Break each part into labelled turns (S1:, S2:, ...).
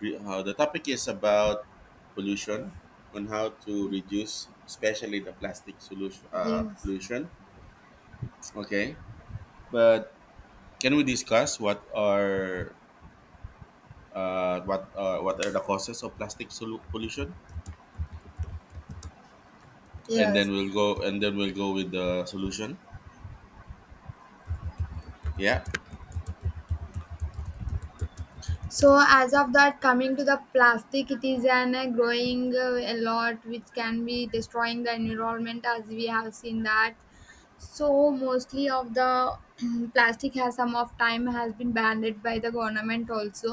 S1: The topic is about pollution on how to reduce, especially the plastic solution
S2: Yes,
S1: pollution. Okay, but can we discuss what are what are the causes of plastic pollution, and
S2: yes.
S1: then we'll go with the solution. Yeah.
S2: So as of that, coming to the plastic, it is an growing a lot, which can be destroying the environment, as we have seen that. So mostly of the plastic has some of time has been banned by the government also,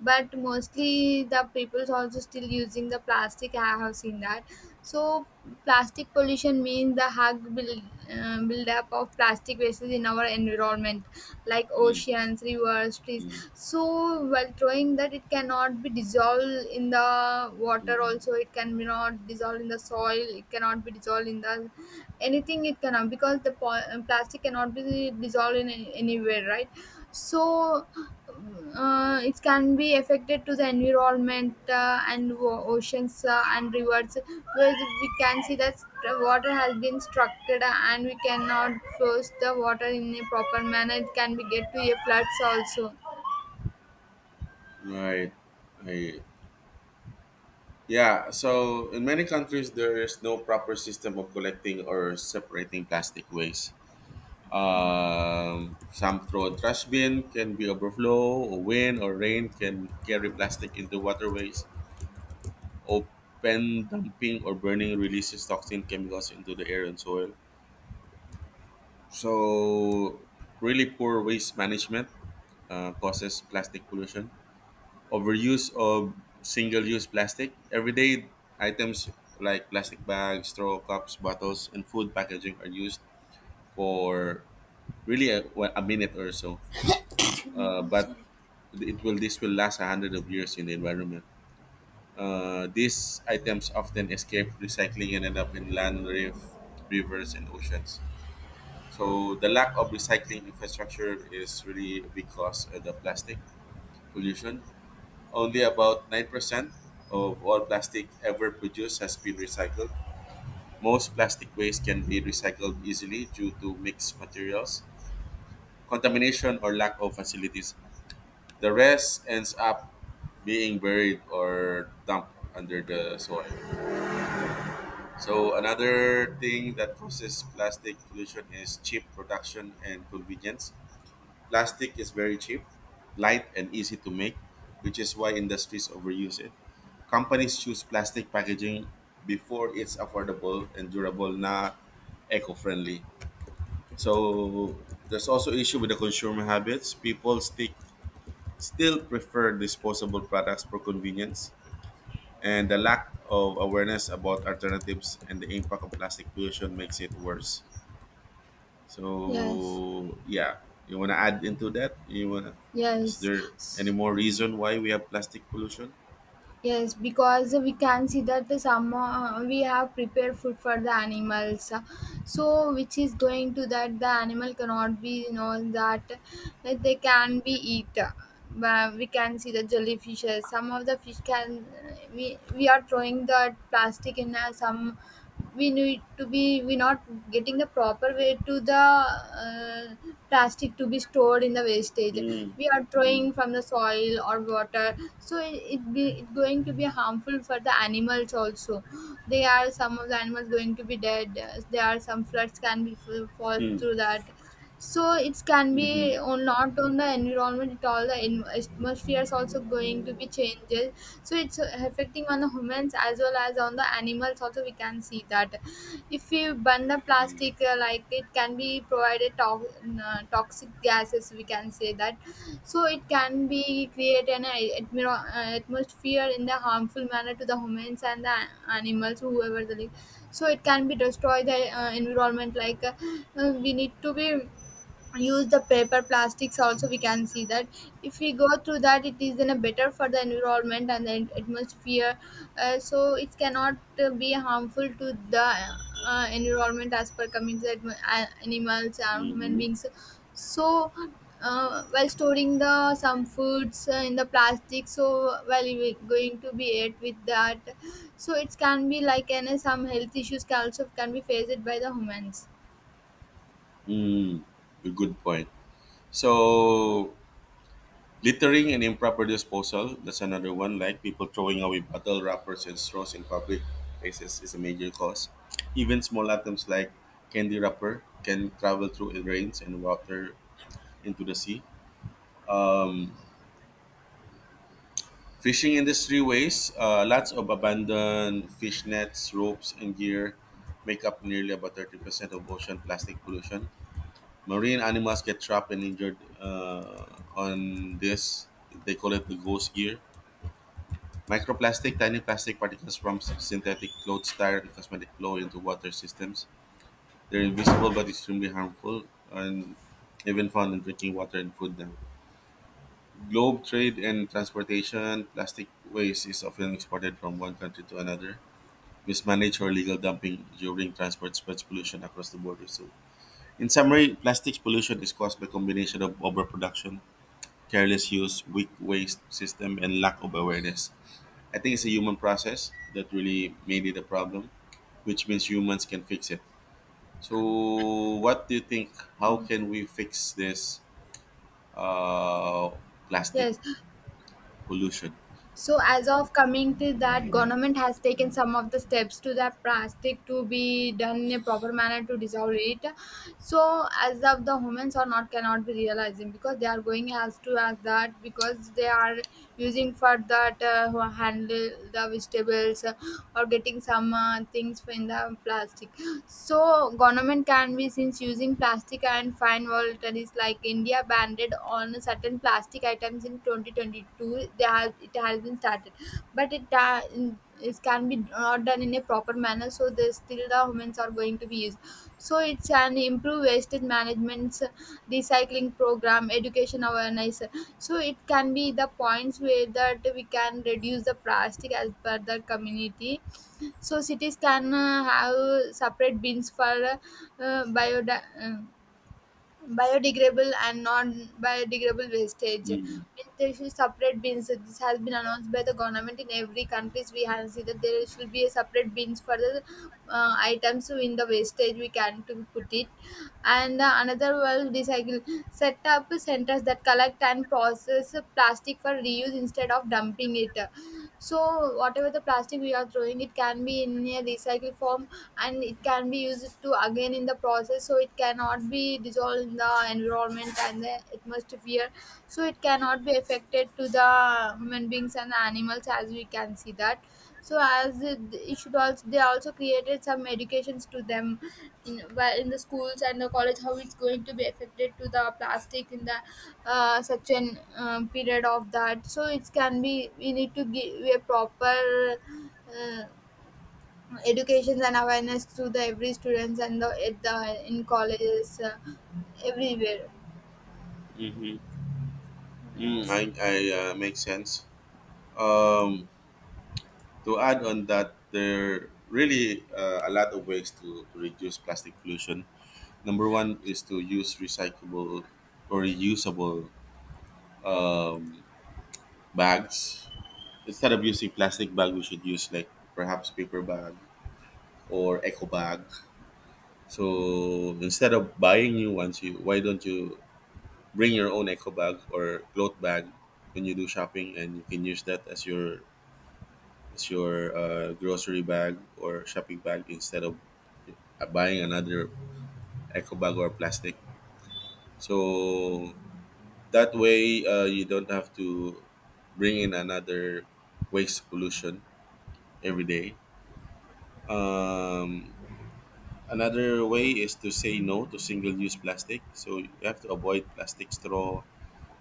S2: but mostly the people's also still using the plastic, I have seen that. So plastic pollution means the build up of plastic wastes in our environment like
S1: Mm,
S2: oceans, rivers, trees.
S1: mm.
S2: So while throwing that, it cannot be dissolved in the water, also it can be not dissolved in the soil, it cannot be dissolved in the anything, it cannot, because the plastic cannot be dissolved in anywhere, right? So it can be affected to the environment and oceans and rivers, where we can see that water has been structured and we cannot force the water in a proper manner, it can be get to a floods also.
S1: Right. I, yeah. So in many countries, there is no proper system of collecting or separating plastic waste. Some throw a trash bin can be overflow, or wind or rain can carry plastic into waterways. Open dumping or burning releases toxic chemicals into the air and soil. So really poor waste management causes plastic pollution. Overuse of single-use plastic. Everyday items like plastic bags, straw cups, bottles, and food packaging are used for really a minute or so. But it will this will last a hundred of years in the environment. These items often escape recycling and end up in land, reef, rivers, and oceans. So the lack of recycling infrastructure is really a big cause of the plastic pollution. Only about 9% of all plastic ever produced has been recycled. Most plastic waste can be recycled easily due to mixed materials, contamination, or lack of facilities. The rest ends up being buried or dumped under the soil. So, another thing that causes plastic pollution is cheap production and convenience. Plastic is very cheap, light, and easy to make, which is why industries overuse it. Companies choose plastic packaging before it's affordable and durable, not eco-friendly. So there's also issue with the consumer habits. People stick still prefer disposable products for convenience, and the lack of awareness about alternatives and the impact of plastic pollution makes it worse.
S2: Yes,
S1: So yeah, you want to add into that? You want to? Is
S2: yes.
S1: there any more reason why we have plastic pollution?
S2: Yes, because we can see that some we have prepared food for the animals, so which is going to that the animal cannot be, you know, that that they can be eat. But we can see the jellyfishes. Some of the fish can, we are throwing the plastic in some, we need to be, we not getting the proper way to the plastic to be stored in the wastage,
S1: Mm,
S2: we are
S1: mm,
S2: throwing from the soil or water, so it going to be harmful for the animals also. They are some of the animals going to be dead, there are some floods can be fall
S1: mm,
S2: through that. So it can
S1: mm-hmm,
S2: be on, not on the environment at all, the atmosphere is also going to be changes. So it's affecting on the humans as well as on the animals also, we can see that. If we burn the plastic like, it can be provided to- toxic gases, we can say that. So it can be create an atmosphere in the harmful manner to the humans and the animals whoever the live. So it can be destroy the environment, like we need to be use the paper plastics also, we can see that. If we go through that, it is in a better for the environment and the atmosphere. So it cannot be harmful to the environment as per coming to the animals and human
S1: mm-hmm.
S2: beings. So while storing the some foods in the plastic, so while we going to be ate with that, so it can be like any some health issues can also can be faced by the humans.
S1: Mm, a good point. So, littering and improper disposal, that's another one. Like people throwing away bottle wrappers and straws in public places is a major cause. Even small items like candy wrapper can travel through the rains and water into the sea. Um, Fishing industry waste, lots of abandoned fish nets, ropes, and gear make up nearly about 30% of ocean plastic pollution. Marine animals get trapped and injured on this. They call it the ghost gear. Microplastic, tiny plastic particles from synthetic clothes, tire, and cosmetic flow into water systems. They're invisible but extremely harmful and even found in drinking water and food now. Globe trade and transportation, plastic waste is often exported from one country to another. Mismanaged or illegal dumping during transport spreads pollution across the border. So, in summary, plastics pollution is caused by combination of overproduction, careless use, weak waste system, and lack of awareness. I think it's a human process that really made it a problem, which means humans can fix it. So, what do you think? How can we fix this uh, plastic
S2: Yes.
S1: pollution?
S2: So as of coming to that, government has taken some of the steps to that plastic to be done in a proper manner to dissolve it. So as of the humans are not cannot be realizing because they are going as to as that because they are using for that who handle the vegetables or getting some things in the plastic. So government can be since using plastic and fine volatiles like India banned on certain plastic items in 2022. They have, it has been started, but it it can be not done in a proper manner. So there's still the humans are going to be used. So it's an improve wastage management, recycling program, education awareness. So it can be the points where that we can reduce the plastic as per the community. So cities can have separate bins for uh, biodi- uh, biodegradable and non-biodegradable wastage. Means they should separate bins. This has been announced by the government in every countries. We have seen that there should be a separate bins for the items in the wastage we can to put it. And another was recycle. Set up centers that collect and process plastic for reuse instead of dumping it. So whatever the plastic we are throwing, it can be in a recycle form and it can be used to again in the process, so it cannot be dissolved in the environment and the atmosphere, so it cannot be affected to the human beings and animals, as we can see that. So as it, it should also they also created some educations to them in, well, in the schools and the college, how it's going to be affected to the plastic in the such an period of that. So it can be we need to give a proper uh, education and awareness to the every students and the, at the in colleges everywhere.
S1: Mm-hmm. Mm,
S2: Yes.
S1: I makes sense. Um, to add on that, there really a lot of ways to reduce plastic pollution. Number one is to use recyclable or reusable um, bags, instead of using plastic bag we should use like perhaps paper bag or eco bag. So instead of buying new ones, you why don't you bring your own eco bag or cloth bag when you do shopping, and you can use that as your grocery bag or shopping bag instead of buying another eco bag or plastic. So that way you don't have to bring in another waste pollution every day. Um, Another way is to say no to single use plastic. So you have to avoid plastic straw,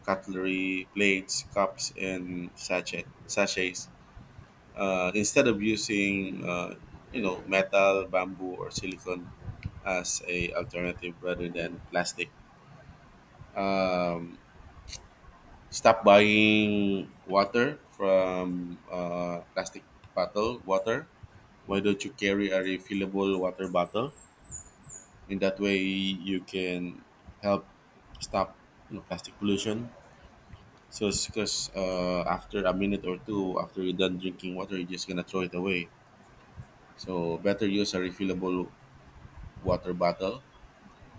S1: cutlery, plates, cups, and sachets. Instead of using, you know, metal, bamboo, or silicone as a alternative rather than plastic. Um, Stop buying water from plastic bottle water. Why don't you carry a refillable water bottle? In that way you can help stop, you know, plastic pollution. So it's because after a minute or two after you're done drinking water you're just gonna throw it away. So better use a refillable water bottle,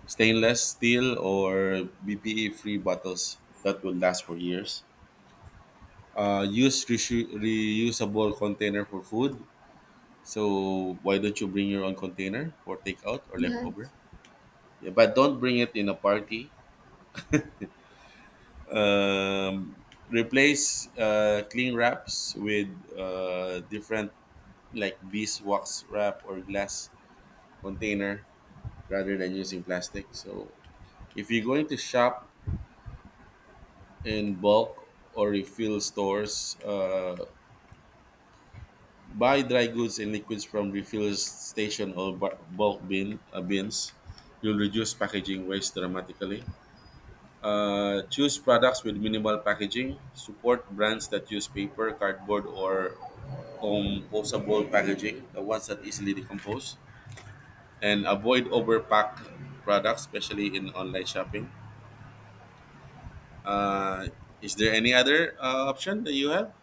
S1: stainless steel or bpe free bottles that will last for years. Use reusable container for food. So why don't you bring your own container for takeout or
S2: Yes.
S1: leftover. Yeah, but don't bring it in a party. um, Replace cling wraps with different, like beeswax wrap or glass container, rather than using plastic. So if you're going to shop in bulk or refill stores, buy dry goods and liquids from refill station or bulk bin bins. You'll reduce packaging waste dramatically. Choose products with minimal packaging. Support brands that use paper, cardboard, or composable packaging, the ones that easily decompose, and avoid overpacked products, especially in online shopping. Uh, is there any other option that you have?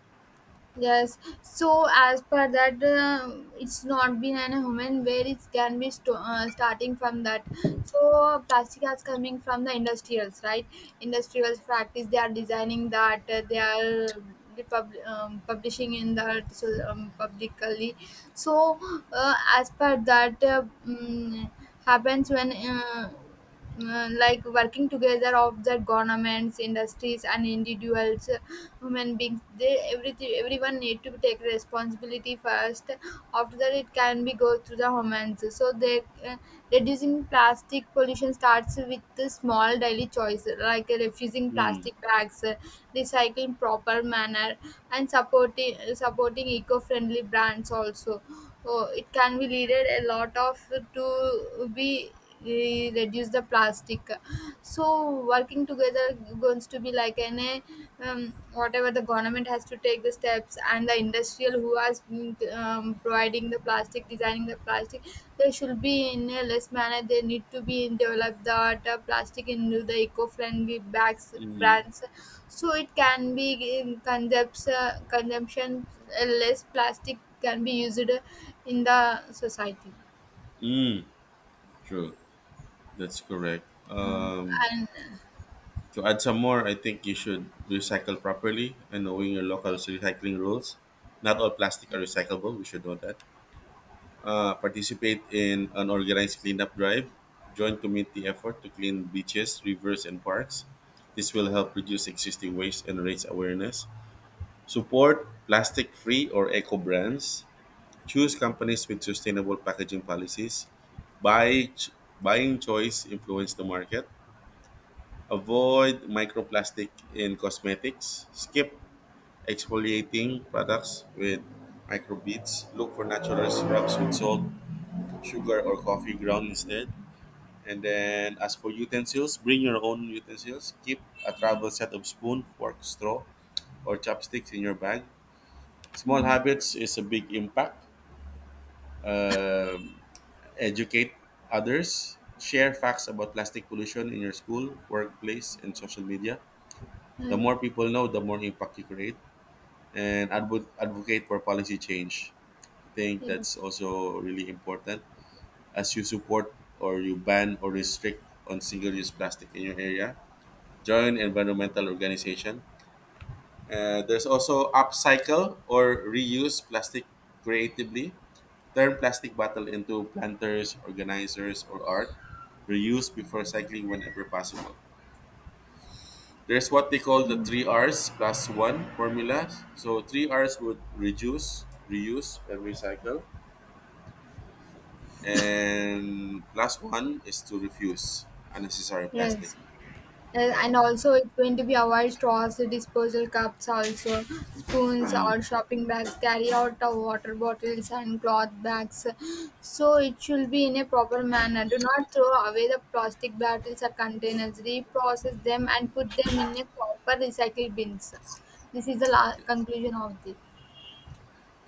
S2: Yes, so as per that, it's not been an human where it can be starting from that. So plastic is coming from the industrials, right? Industrials practice, they are designing that they are publishing in that so, publicly. So as per that happens when. Like working together of the governments, industries and individuals, human beings, they everything everyone need to take responsibility first. After that, it can be go through the humans, so they uh, reducing plastic pollution starts with the small daily choice, like refusing
S1: Mm,
S2: plastic bags, recycling proper manner, and supporting eco-friendly brands also. So it can be needed a lot of to be reduce the plastic. So working together, going to be like an a, whatever the government has to take the steps, and the industrial who has been, providing the plastic, designing the plastic, they should be in a less manner, they need to be in develop the plastic into the eco-friendly bags
S1: mm,
S2: brands. So it can be in concepts, consumption, less plastic can be used in the society.
S1: mm, true. That's correct.
S2: Uh, and
S1: To add some more, I think you should recycle properly and knowing your local recycling rules. Not all plastic are recyclable. We should know that. Uh, participate in an organized cleanup drive, join community effort to clean beaches, rivers, and parks. This will help reduce existing waste and raise awareness. Support plastic free or eco brands. Choose companies with sustainable packaging policies. Buy Buying choice influence the market. Avoid microplastic in cosmetics. Skip exfoliating products with microbeads. Look for natural syrups with salt, sugar, or coffee ground instead. And then, as for utensils, bring your own utensils. Keep a travel set of spoon, fork, straw, or chopsticks in your bag. Small habits is a big impact. Um, Educate others. Share facts about plastic pollution in your school, workplace, and social media. The
S2: uh,
S1: more people know, the more impact you create. And advocate for policy change. I think
S2: yes,
S1: that's also really important. As you support or you ban or restrict on single-use plastic in your area, joint environmental organization. There's also upcycle or reuse plastic creatively. Turn plastic bottle into planters, organizers, or art. Reuse before cycling whenever possible. There's what they call the three R's plus one formula. So three R's would reduce, reuse, and recycle. And plus one is to refuse unnecessary plastic.
S2: yes.
S1: Yeah.
S2: And also it's going to be avoid straws, disposal cups, also spoons or
S1: Mm.
S2: shopping bags, carry out of water bottles and cloth bags. So it should be in a proper manner. Do not throw away the plastic bottles or containers. Reprocess them and put them in a proper recycle bins. This is the
S1: Yes.
S2: conclusion of this.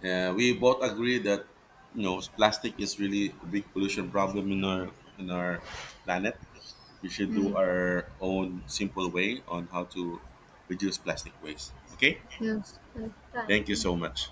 S1: We both agree that, you know, plastic is really a big pollution problem in our planet. We should
S2: Hmm.
S1: do our own simple way on how to reduce plastic waste. Okay,
S2: Yes, yes, thank
S1: thank you
S2: you.
S1: so much.